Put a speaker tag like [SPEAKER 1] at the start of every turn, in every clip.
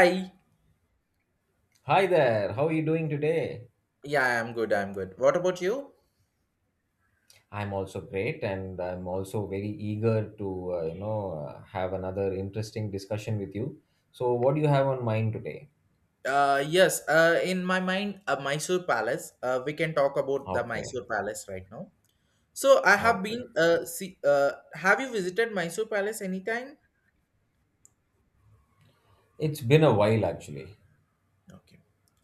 [SPEAKER 1] Hi.
[SPEAKER 2] Hi there. How are you doing today?
[SPEAKER 1] Yeah, I'm good. I'm good. What about you?
[SPEAKER 2] I'm also great, and I'm also very eager to, have another interesting discussion with you. So, what do you have on mind today?
[SPEAKER 1] Yes. In my mind, Mysore Palace. We can talk about the
[SPEAKER 2] Okay,
[SPEAKER 1] Mysore Palace right now. So I have
[SPEAKER 2] okay.
[SPEAKER 1] been. See. Have you visited Mysore Palace anytime?
[SPEAKER 2] It's been a while actually.
[SPEAKER 1] Okay.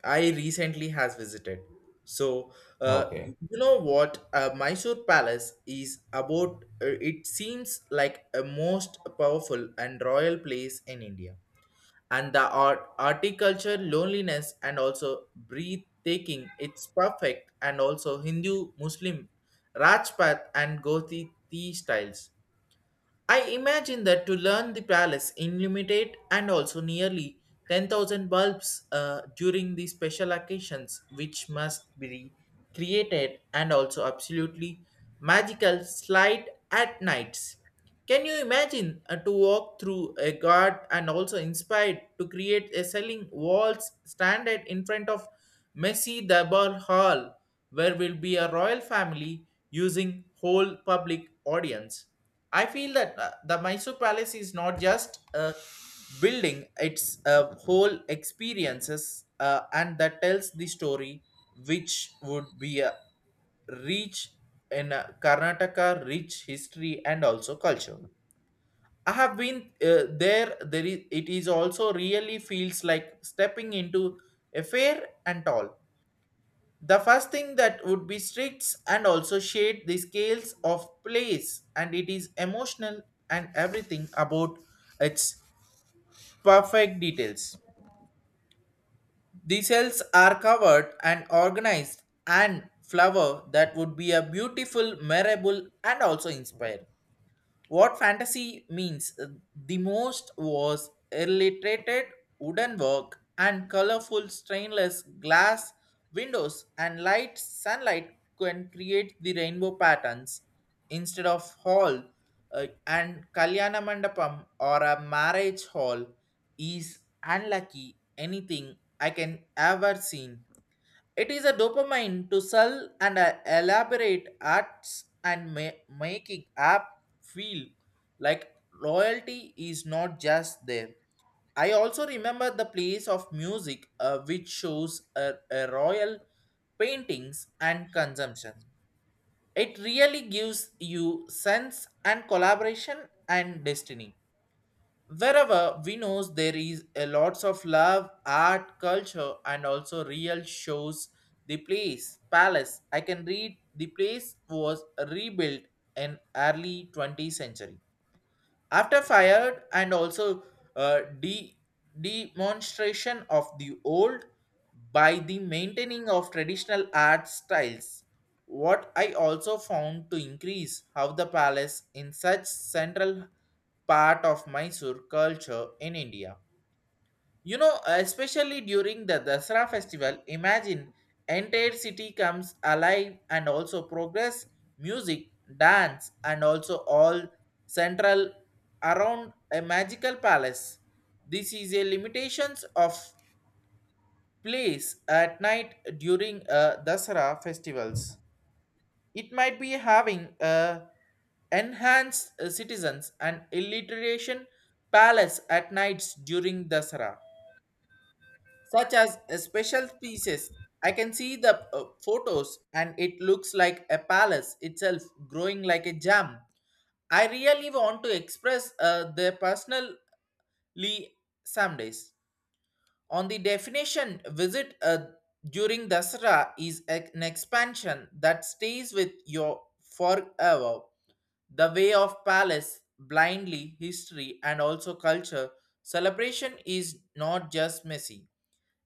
[SPEAKER 1] I recently has visited. So
[SPEAKER 2] Okay.
[SPEAKER 1] you know what? Mysore Palace is about. It seems like a most powerful and royal place in India, and the art horticulture loneliness and also breathtaking it's perfect and also Hindu, Muslim, Rajpath and Gothi tea styles. I imagine that to learn the palace illuminate and also nearly 10,000 bulbs during the special occasions, which must be created and also absolutely magical slide at nights. Can you imagine to walk through a guard and also inspired to create a selling walls standard in front of Messi the Ball Hall where will be a royal family using whole public audience. I feel that the Mysore Palace is not just a building; it's a whole experiences, and that tells the story, which would be a rich in Karnataka, rich history and also culture. I have been there. There is. It is also really feels like stepping into a fair and tall. The first thing that would be strict and also shade the scales of place, and it is emotional and everything about its perfect details. The cells are covered and organized and flower that would be a beautiful, memorable, and also inspire. What fantasy means the most was illiterated wooden work and colorful stainless glass windows and light sunlight can create the rainbow patterns instead of hall and kalyana mandapam or a marriage hall is unlucky anything I can ever seen. It is a dopamine to sell and elaborate acts and making app feel like loyalty is not just there. I also remember the place of music which shows a royal paintings and consumption. It really gives you sense and collaboration and destiny. Wherever we knows there is a lots of love, art, culture, and also real shows. The place, palace. I can read the place was rebuilt in early 20th century after fired and also uh, de- demonstration of the old by the maintaining of traditional art styles. What I also found to increase how the palace in such central part of Mysore culture in India. You know, especially during the Dasara festival, imagine entire city comes alive and also progress music, dance, and also all central around a magical palace. This is a limitations of place at night during Dasra festivals. It might be having a enhanced citizens and illiteration palace at nights during Dasara, such as a special pieces. I can see the photos and it looks like a palace itself growing like a jam. I really want to express their personally some days. On the definition, visit during Dasara is an expansion that stays with you forever. The Way of Palace, Blindly, History, and also Culture, celebration is not just messy.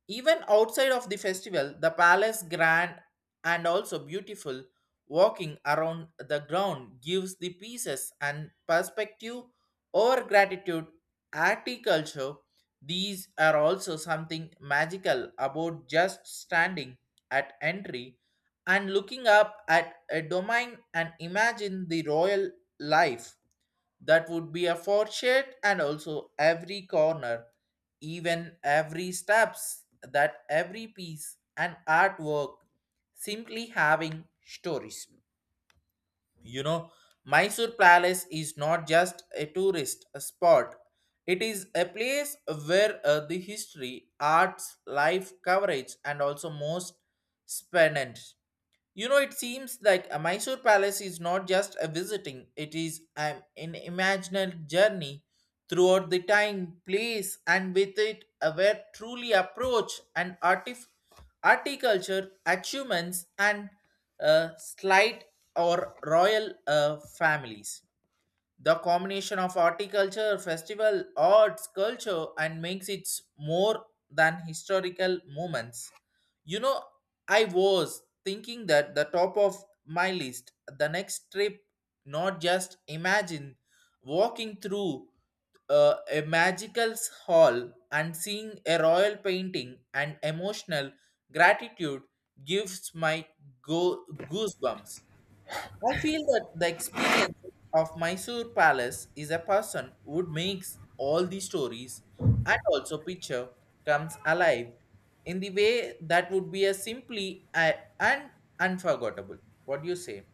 [SPEAKER 1] Even outside of the festival, the palace grand and also beautiful walking around the ground gives the pieces and perspective or gratitude articulture. These are also something magical about just standing at entry and looking up at a domain and imagine the royal life that would be a fortune and also every corner, even every steps, that every piece and artwork simply having stories. You know, Mysore Palace is not just a tourist spot. It is a place where the history, arts, life coverage, and also most spanned. You know, it seems like a Mysore Palace is not just a visiting, it is an imaginal journey throughout the time, place, and with it, a where truly approach and articulture, achievements, and slight or royal families. The combination of horticulture, festival, arts, culture, and makes it more than historical moments. You know, I was thinking that the top of my list, the next trip, not just imagine walking through a magical hall and seeing a royal painting and emotional gratitude gives my goosebumps. I feel that the experience of Mysore Palace is a person who makes all the stories and also picture comes alive in the way that would be a simply and unforgettable. What do you say?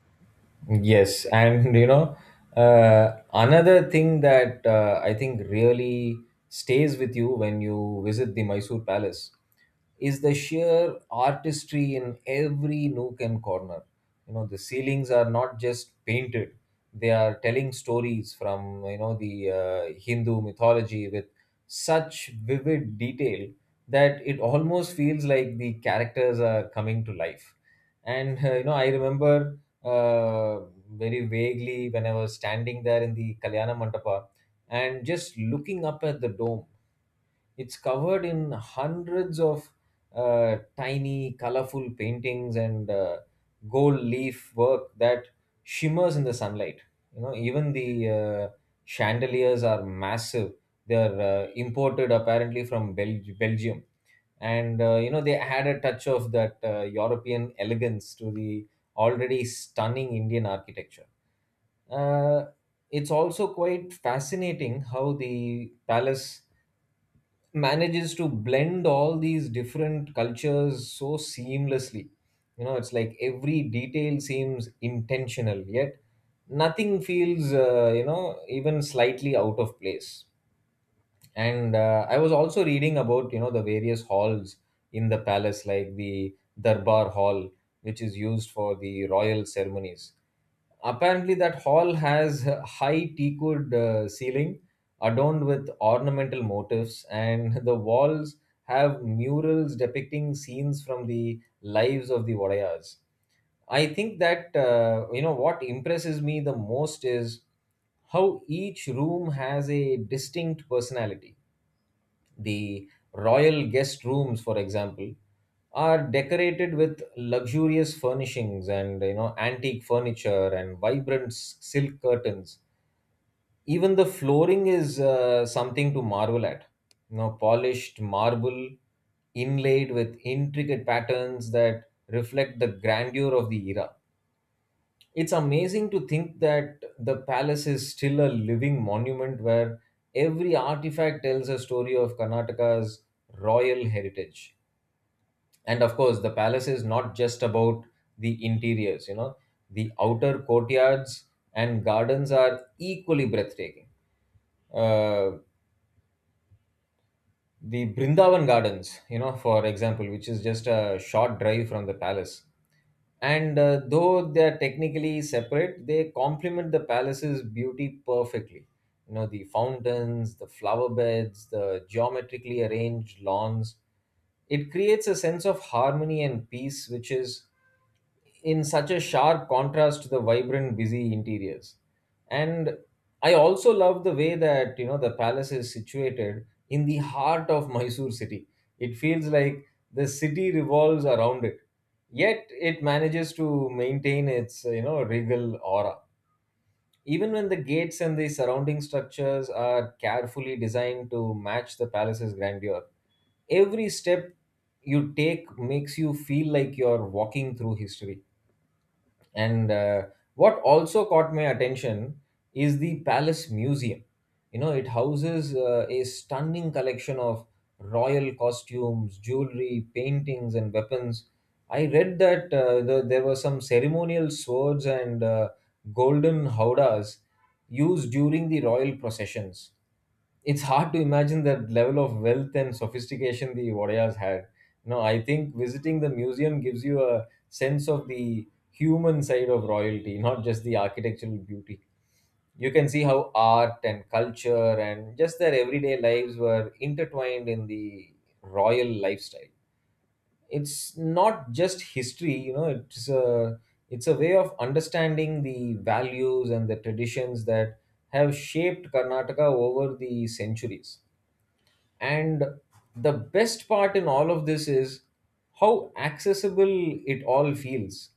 [SPEAKER 2] Yes, and another thing that I think really stays with you when you visit the Mysore Palace is the sheer artistry in every nook and corner. You know, the ceilings are not just painted; they are telling stories from the Hindu mythology with such vivid detail that it almost feels like the characters are coming to life. And you know, I remember uh, very vaguely when I was standing there in the Kalyana Mandapa and just looking up at the dome. It's covered in hundreds of tiny, colorful paintings and gold leaf work that shimmers in the sunlight. You know, even the chandeliers are massive. They are imported apparently from Belgium and you know they had a touch of that European elegance to the already stunning Indian architecture. Uh, it's also quite fascinating how the palace manages to blend all these different cultures so seamlessly. You know, it's like every detail seems intentional, yet nothing feels, even slightly out of place, and I was also reading about the various halls in the palace like the darbar hall, which is used for the royal ceremonies. Apparently that hall has a high teakwood ceiling adorned with ornamental motifs, and the walls have murals depicting scenes from the lives of the Vodayas. I think that what impresses me the most is how each room has a distinct personality. The royal guest rooms, for example, are decorated with luxurious furnishings and antique furniture and vibrant silk curtains. Even the flooring is something to marvel at. You know, polished marble inlaid with intricate patterns that reflect the grandeur of the era. It's amazing to think that the palace is still a living monument where every artifact tells a story of Karnataka's royal heritage. And of course, the palace is not just about the interiors, you know, the outer courtyards and gardens are equally breathtaking. Uh, the Brindavan Gardens, you know, for example, which is just a short drive from the palace. And though they are technically separate, they complement the palace's beauty perfectly. You know, the fountains, the flower beds, the geometrically arranged lawns. It creates a sense of harmony and peace, which is in such a sharp contrast to the vibrant, busy interiors. And I also love the way that the palace is situated in the heart of Mysore city. It feels like the city revolves around it. Yet it manages to maintain its regal aura. Even when the gates and the surrounding structures are carefully designed to match the palace's grandeur, every step you take makes you feel like you're walking through history. And what also caught my attention is the Palace Museum. You know, it houses a stunning collection of royal costumes, jewelry, paintings, and weapons. I read that there were some ceremonial swords and golden howdahs used during the royal processions. It's hard to imagine that level of wealth and sophistication the Wadayas had. No, I think visiting the museum gives you a sense of the human side of royalty, not just the architectural beauty. You can see how art and culture and just their everyday lives were intertwined in the royal lifestyle. It's not just history, you know, it's a way of understanding the values and the traditions that have shaped Karnataka over the centuries. And the best part in all of this is how accessible it all feels.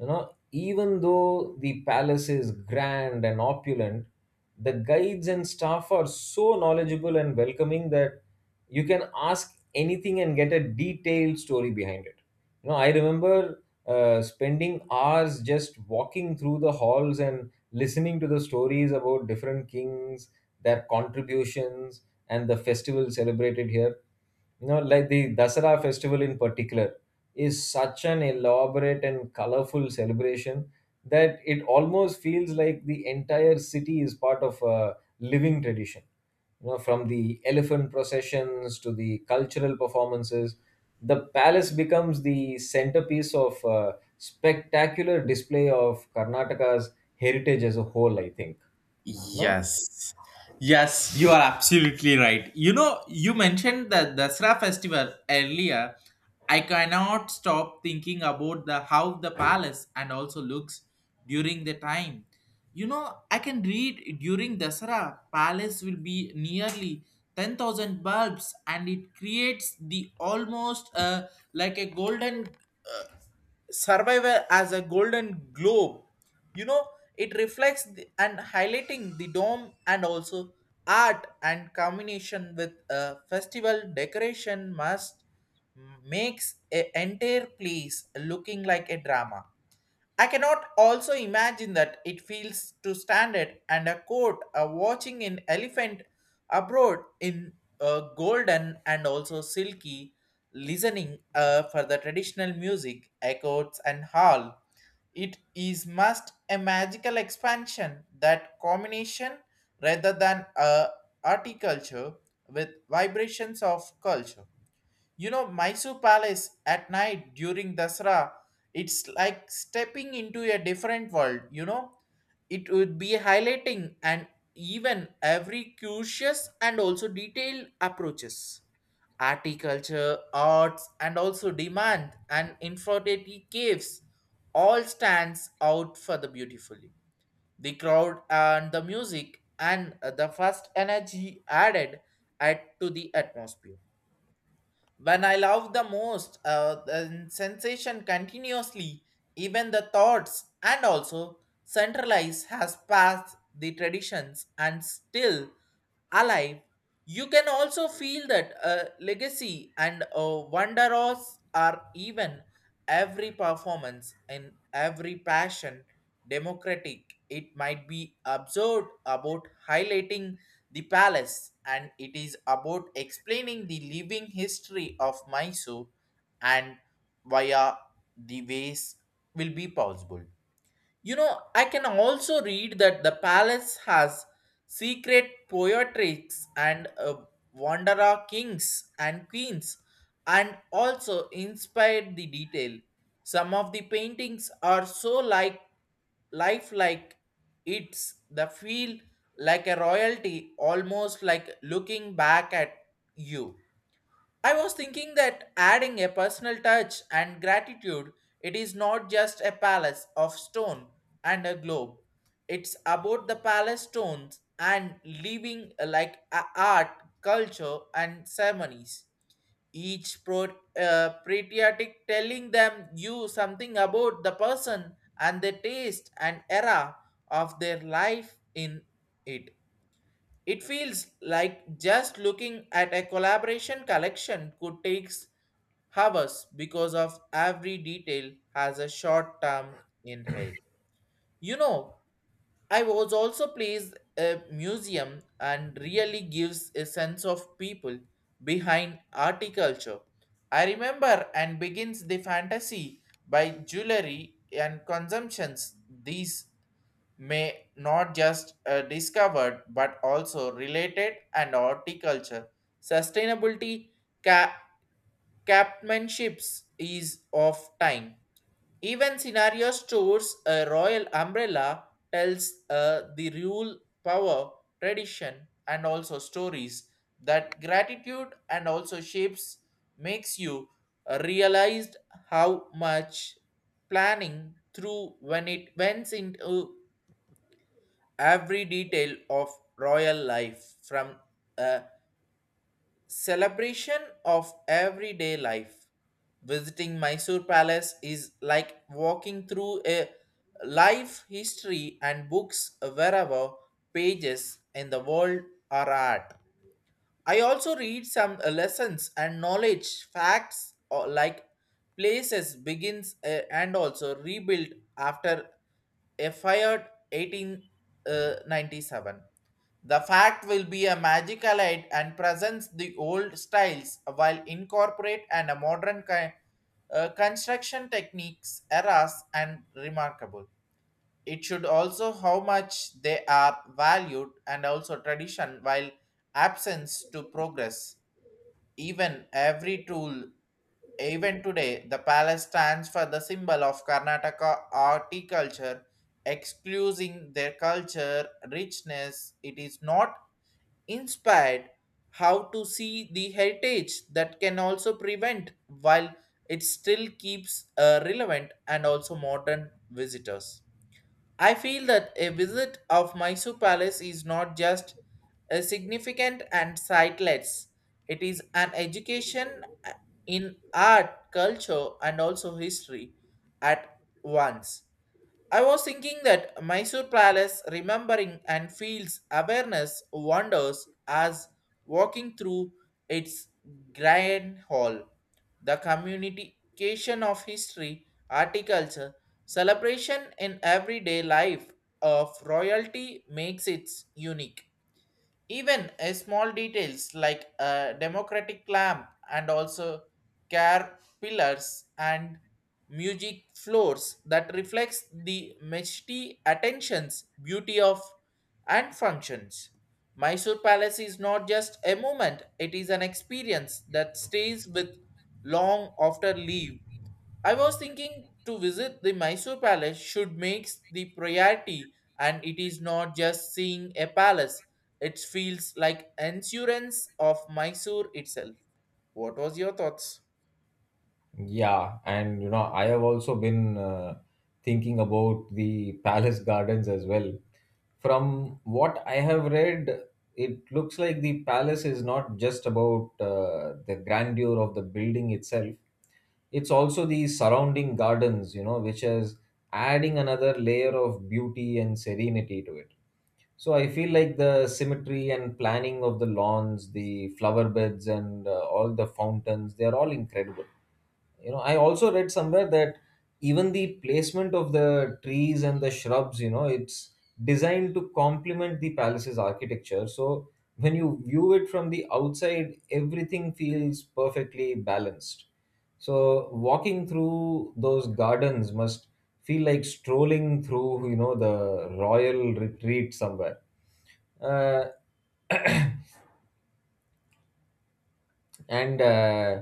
[SPEAKER 2] You know, even though the palace is grand and opulent, the guides and staff are so knowledgeable and welcoming that you can ask anything and get a detailed story behind it. You know I remember spending hours just walking through the halls and listening to the stories about different kings, their contributions, and the festival celebrated here. You know, like the Dasara festival in particular is such an elaborate and colorful celebration that it almost feels like the entire city is part of a living tradition. You know, from the elephant processions to the cultural performances, the palace becomes the centerpiece of a spectacular display of Karnataka's heritage as a whole, I think. No?
[SPEAKER 1] Yes. Yes, you are absolutely right. You know, you mentioned the Dasra festival earlier. I cannot stop thinking about the how the palace and also looks during the time. You know, I can read during Dasra, palace will be nearly 10,000 bulbs and it creates the almost like a golden uh, survivor as a golden globe. You know, it reflects the, and highlighting the dome and also art and combination with a festival decoration must makes a entire place looking like a drama. I cannot also imagine that it feels to stand it and a court watching an elephant abroad in golden and also silky, listening for the traditional music, echoes and hall. It is must a magical expansion that combination rather than a horticulture with vibrations of culture. You know, Mysore Palace at night during Dasra, it's like stepping into a different world. You know, it would be highlighting and even every curious and also detailed approaches. Articulture, arts, and also demand and infertility caves all stands out for the beautifully. The crowd and the music and the first energy added add to the atmosphere when I love the most, the sensation continuously, even the thoughts, and also centralize has passed the traditions and still alive. You can also feel that legacy and wonderos are even every performance and every passion democratic. It might be absurd about highlighting the palace and it is about explaining the living history of Mysore, and via the ways will be possible. You know, I can also read that the palace has secret poetrics and wanderer kings and queens, and also inspired the detail. Some of the paintings are so like lifelike, it's the feel like a royalty, almost like looking back at you. I was thinking that adding a personal touch and gratitude, it is not just a palace of stone and a globe. It's about the palace stones and living art, culture, and ceremonies. Each patriotic telling them you something about the person and the taste and era of their life in it. It feels like just looking at a collaboration collection could take hours because of every detail has a short term in head. You know, I was also pleased a museum and really gives a sense of people behind articulture. I remember and begins the fantasy by jewelry and consumptions, these may not just discovered but also related and horticulture. Sustainability ca- captainships is of time. Even scenario stores a royal umbrella tells the rule, power, tradition, and also stories that gratitude and also shapes makes you realized how much planning through when it went into every detail of royal life from a celebration of everyday life. Visiting Mysore Palace is like walking through a life history and books wherever pages in the world are at. I also read some lessons and knowledge facts or like places begins and also rebuilt after a fired 1897. The fact will be a magical aid and presents the old styles while incorporate and a modern construction techniques eras and remarkable. It should also how much they are valued and also tradition while absence to progress. Even every tool, even today, the palace stands for the symbol of Karnataka horticulture, excluding their culture richness. It is not inspired how to see the heritage that can also prevent while it still keeps relevant and also modern visitors. I feel that a visit of Mysore Palace is not just a significant and sightless. It is an education uh, in art, culture, and also history at once. I was thinking that Mysore Palace remembering and feels awareness wanders as walking through its grand hall. The communication of history, horticulture, celebration in everyday life of royalty makes it unique. Even a small details like a democratic lamp and also care pillars and music floors that reflects the majesty, attentions, beauty of and functions. Mysore Palace is not just a moment, it is an experience that stays with long after leave. I was thinking to visit the Mysore Palace should make the priority, and it is not just seeing a palace. It feels like insurance of Mysore itself. What was your thoughts?
[SPEAKER 2] Yeah, and you know, I have also been thinking about the palace gardens as well. From what I have read, it looks like the palace is not just about the grandeur of the building itself. It's also the surrounding gardens, which is adding another layer of beauty and serenity to it. So I feel like the symmetry and planning of the lawns, the flower beds, and all the fountains, they are all incredible. You know, I also read somewhere that even the placement of the trees and the shrubs, it's designed to complement the palace's architecture, so when you view it from the outside everything feels perfectly balanced. So walking through those gardens must feel like strolling through the royal retreat somewhere. uh, and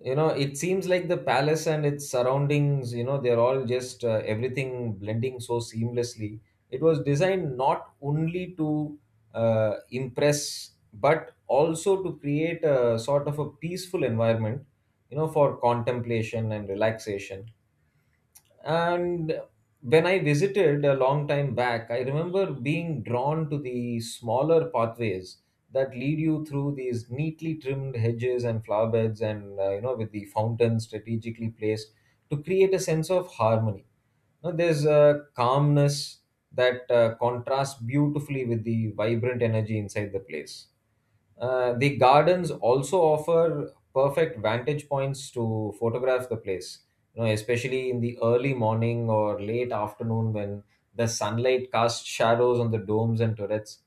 [SPEAKER 2] you know it seems like the palace and its surroundings, they're all just everything blending so seamlessly. It was designed not only to impress but also to create a sort of a peaceful environment, you know, for contemplation and relaxation. And when I visited a long time back, I remember being drawn to the smaller pathways that lead you through these neatly trimmed hedges and flower beds, and you know, with the fountains strategically placed to create a sense of harmony. Now, there's a calmness that contrasts beautifully with the vibrant energy inside the place. The gardens also offer perfect vantage points to photograph the place, you know, especially in the early morning or late afternoon when the sunlight casts shadows on the domes and turrets.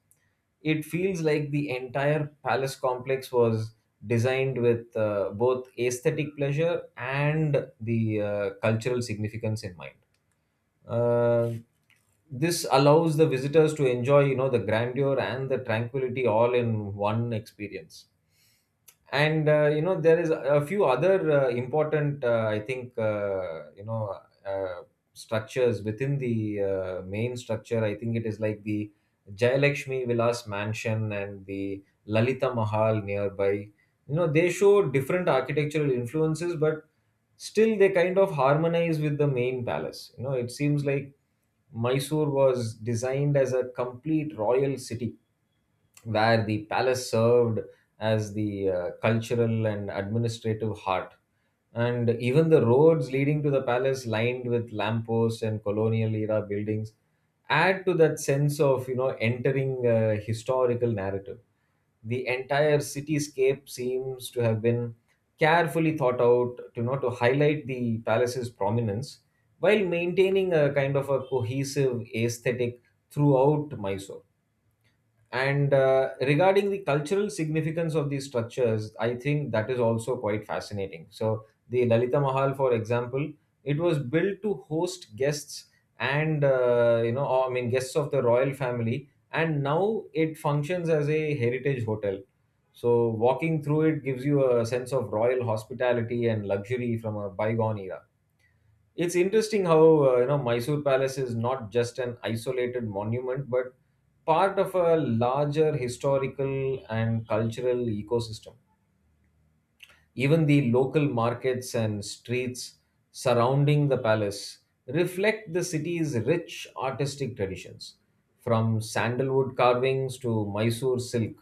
[SPEAKER 2] It feels like the entire palace complex was designed with both aesthetic pleasure and the cultural significance in mind. Uh, this allows the visitors to enjoy, you know, the grandeur and the tranquility all in one experience. And you know, there is a few other important, I think, uh, structures within the main structure. I think it is like the Jayalakshmi Vilas Mansion and the Lalita Mahal nearby. You know, they show different architectural influences but still they kind of harmonize with the main palace. You know, it seems like Mysore was designed as a complete royal city where the palace served as the cultural and administrative heart. And even the roads leading to the palace, lined with lampposts and colonial era buildings, add to that sense of entering a historical narrative. The entire cityscape seems to have been carefully thought out to not to highlight the palace's prominence while maintaining a kind of a cohesive aesthetic throughout Mysore. And regarding the cultural significance of these structures, I think that is also quite fascinating. So, the Lalita Mahal, for example, it was built to host guests and, I mean, guests of the royal family. And now it functions as a heritage hotel. So, walking through it gives you a sense of royal hospitality and luxury from a bygone era. It's interesting how you know Mysore Palace is not just an isolated monument, but part of a larger historical and cultural ecosystem. Even the local markets and streets surrounding the palace reflect the city's rich artistic traditions, from sandalwood carvings to Mysore silk.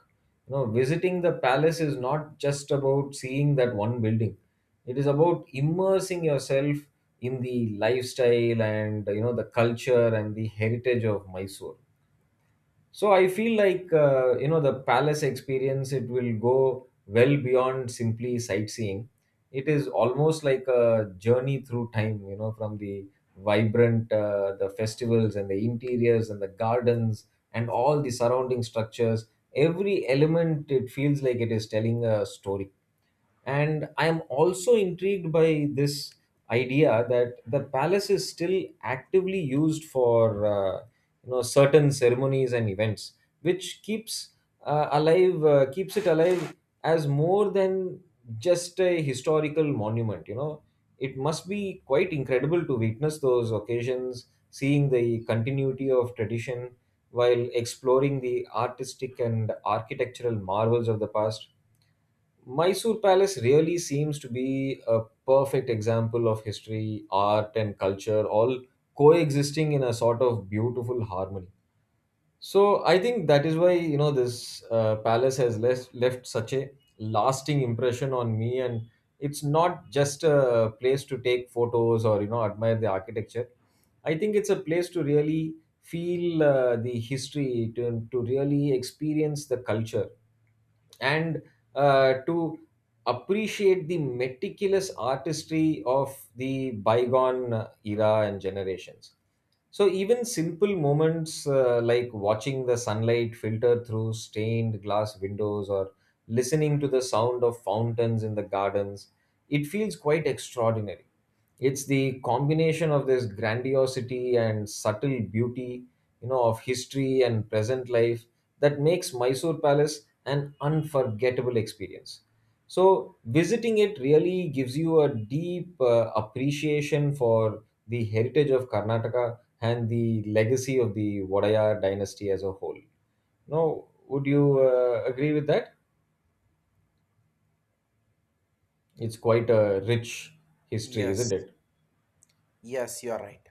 [SPEAKER 2] You know, visiting the palace is not just about seeing that one building. It is about immersing yourself in the lifestyle and the culture and the heritage of Mysore. So I feel like you know the palace experience, it will go well beyond simply sightseeing. It is almost like a journey through time, you know, from the vibrant the festivals and the interiors and the gardens and all the surrounding structures, every element, it feels like it is telling a story. And I am also intrigued by this idea that the palace is still actively used for certain ceremonies and events, which keeps alive keeps it alive as more than just a historical monument. You know, it must be quite incredible to witness those occasions, seeing the continuity of tradition while exploring the artistic and architectural marvels of the past. Mysore Palace really seems to be a perfect example of history, art, and culture all coexisting in a sort of beautiful harmony. So I think that is why this palace has left such a lasting impression on me, and it's not just a place to take photos or admire the architecture. I think it's a place to really feel the history, to really experience the culture, and to appreciate the meticulous artistry of the bygone era and generations. So even simple moments like watching the sunlight filter through stained glass windows or listening to the sound of fountains in the gardens, it feels quite extraordinary. It's the combination of this grandiosity and subtle beauty, you know, of history and present life that makes Mysore Palace an unforgettable experience. So visiting it really gives you a deep appreciation for the heritage of Karnataka and the legacy of the Vodayar dynasty as a whole. Now, would you agree with that? It's quite a rich history, isn't
[SPEAKER 1] Yes,
[SPEAKER 2] it?
[SPEAKER 1] yes, you are right.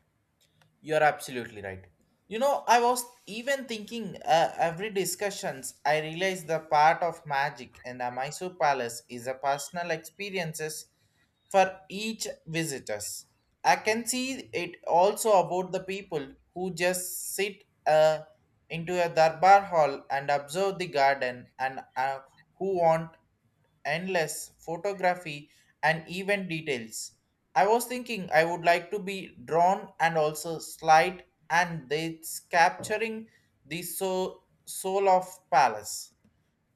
[SPEAKER 1] You're absolutely right. You know, I was even thinking every discussions, I realized the part of magic in the Mysore Palace is a personal experiences for each visitors. I can see it also about the people who just sit into a darbar hall and observe the garden and who want endless photography and event details. I was thinking I would like to be drawn and also slide and it's capturing the soul of palace.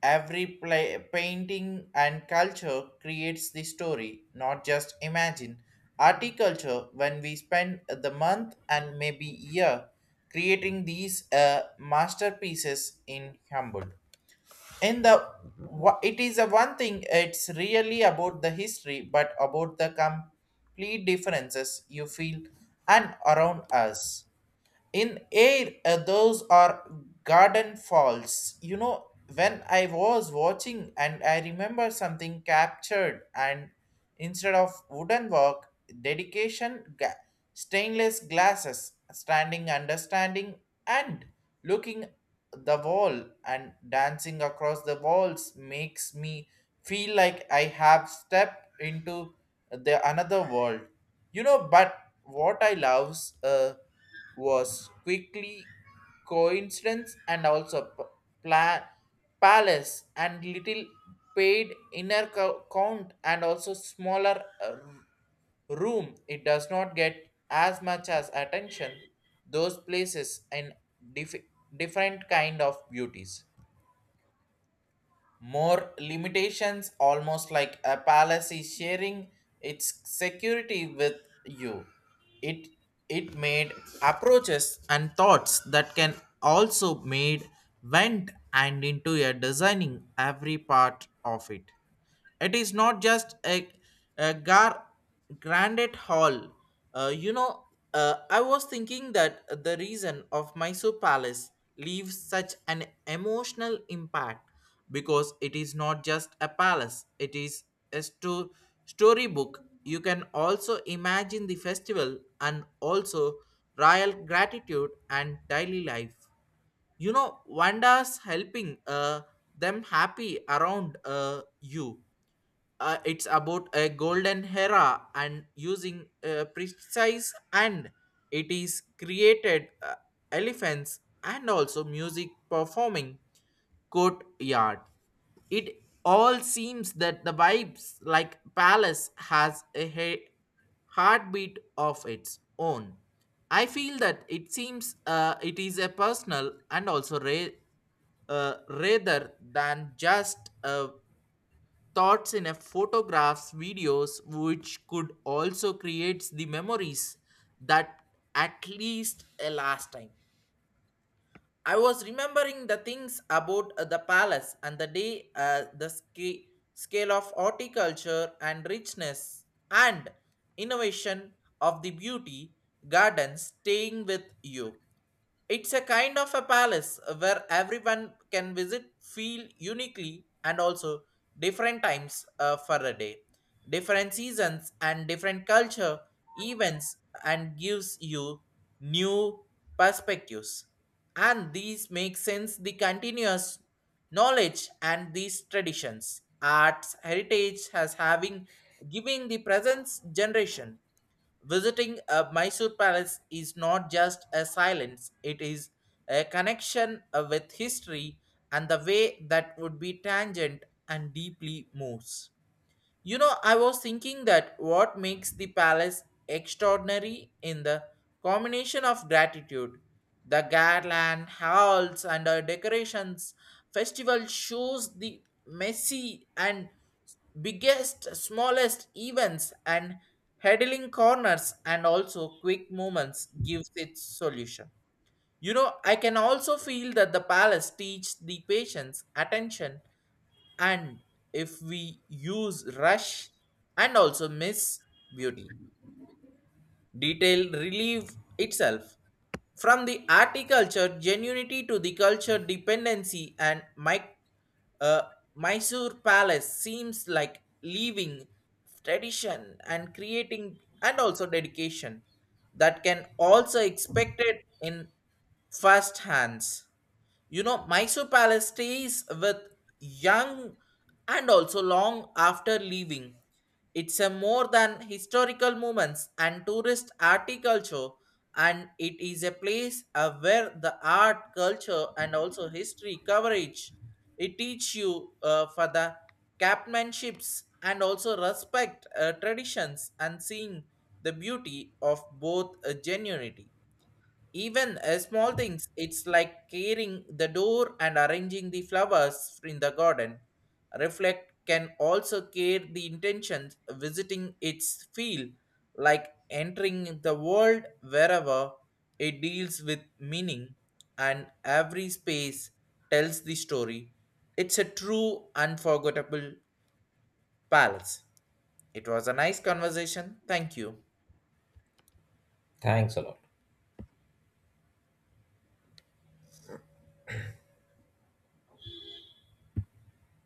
[SPEAKER 1] Every painting and culture creates the story, not just imagine. Articulture, when we spend the month and maybe year creating these masterpieces in Humboldt in the it is a one thing. It's really about the history but about the complete differences you feel and around us in air, those are garden falls. When I was watching and I remember something captured, and instead of wooden work dedication stainless glasses standing understanding and looking the wall and dancing across the walls makes me feel like I have stepped into the another world, you know. But what I loves was quickly coincidence and also pla- palace and little paid inner count and also smaller room. It does not get as much as attention. Those places in dif- different kind of beauties, more limitations, almost like a palace is sharing its security with you. It it made approaches and thoughts that can also made went and into a designing every part of it. It is not just a gar granite hall, uh, you know I was thinking that the reason of Mysore Palace leaves such an emotional impact because it is not just a palace, it is a storybook. You can also imagine the festival and also royal gratitude and daily life, you know, wonders helping them happy around, you. It's about a golden era and using precise, and it is created elephants and also music performing courtyard. It all seems that the vibes like palace has a heartbeat of its own. I feel that it seems it is a personal and also rather than just a thoughts in a photographs videos which could also creates the memories that at least a last time. I was remembering the things about the palace and the day, the scale of horticulture and richness and innovation of the beauty gardens, staying with you. It's a kind of a palace where everyone can visit, feel uniquely, and also different times, for a day, different seasons, and different culture events, and gives you new perspectives. And these make sense the continuous knowledge and these traditions, arts, heritage has having giving the present generation. Visiting a Mysore palace is not just a silence, it is a connection with history and the way that would be tangent and deeply moves. You know, I was thinking that what makes the palace extraordinary in the combination of gratitude, the garland, halls, and decorations. Festival shows the messy and biggest, smallest events and huddling corners, and also quick movements gives its solution. You know, I can also feel that the palace teach the patience, attention, and if we use rush and also miss beauty detail relieve itself from the articulture genuinity to the culture dependency and my uh, Mysore palace seems like leaving tradition and creating and also dedication that can also expected in first hands, you know. Mysore Palace stays with young and also long after leaving. It's a more than historical moments and tourist articulture, and it is a place where the art, culture, and also history coverage. It teach you for the captainships and also respect traditions and seeing the beauty of both, genuinity. Even small things, it's like caring the door and arranging the flowers in the garden. Reflect can also care the intentions visiting its field, like entering the world wherever it deals with meaning, and every space tells the story. It's a true, unforgettable palace. It was a nice conversation. Thank you.
[SPEAKER 2] Thanks a lot.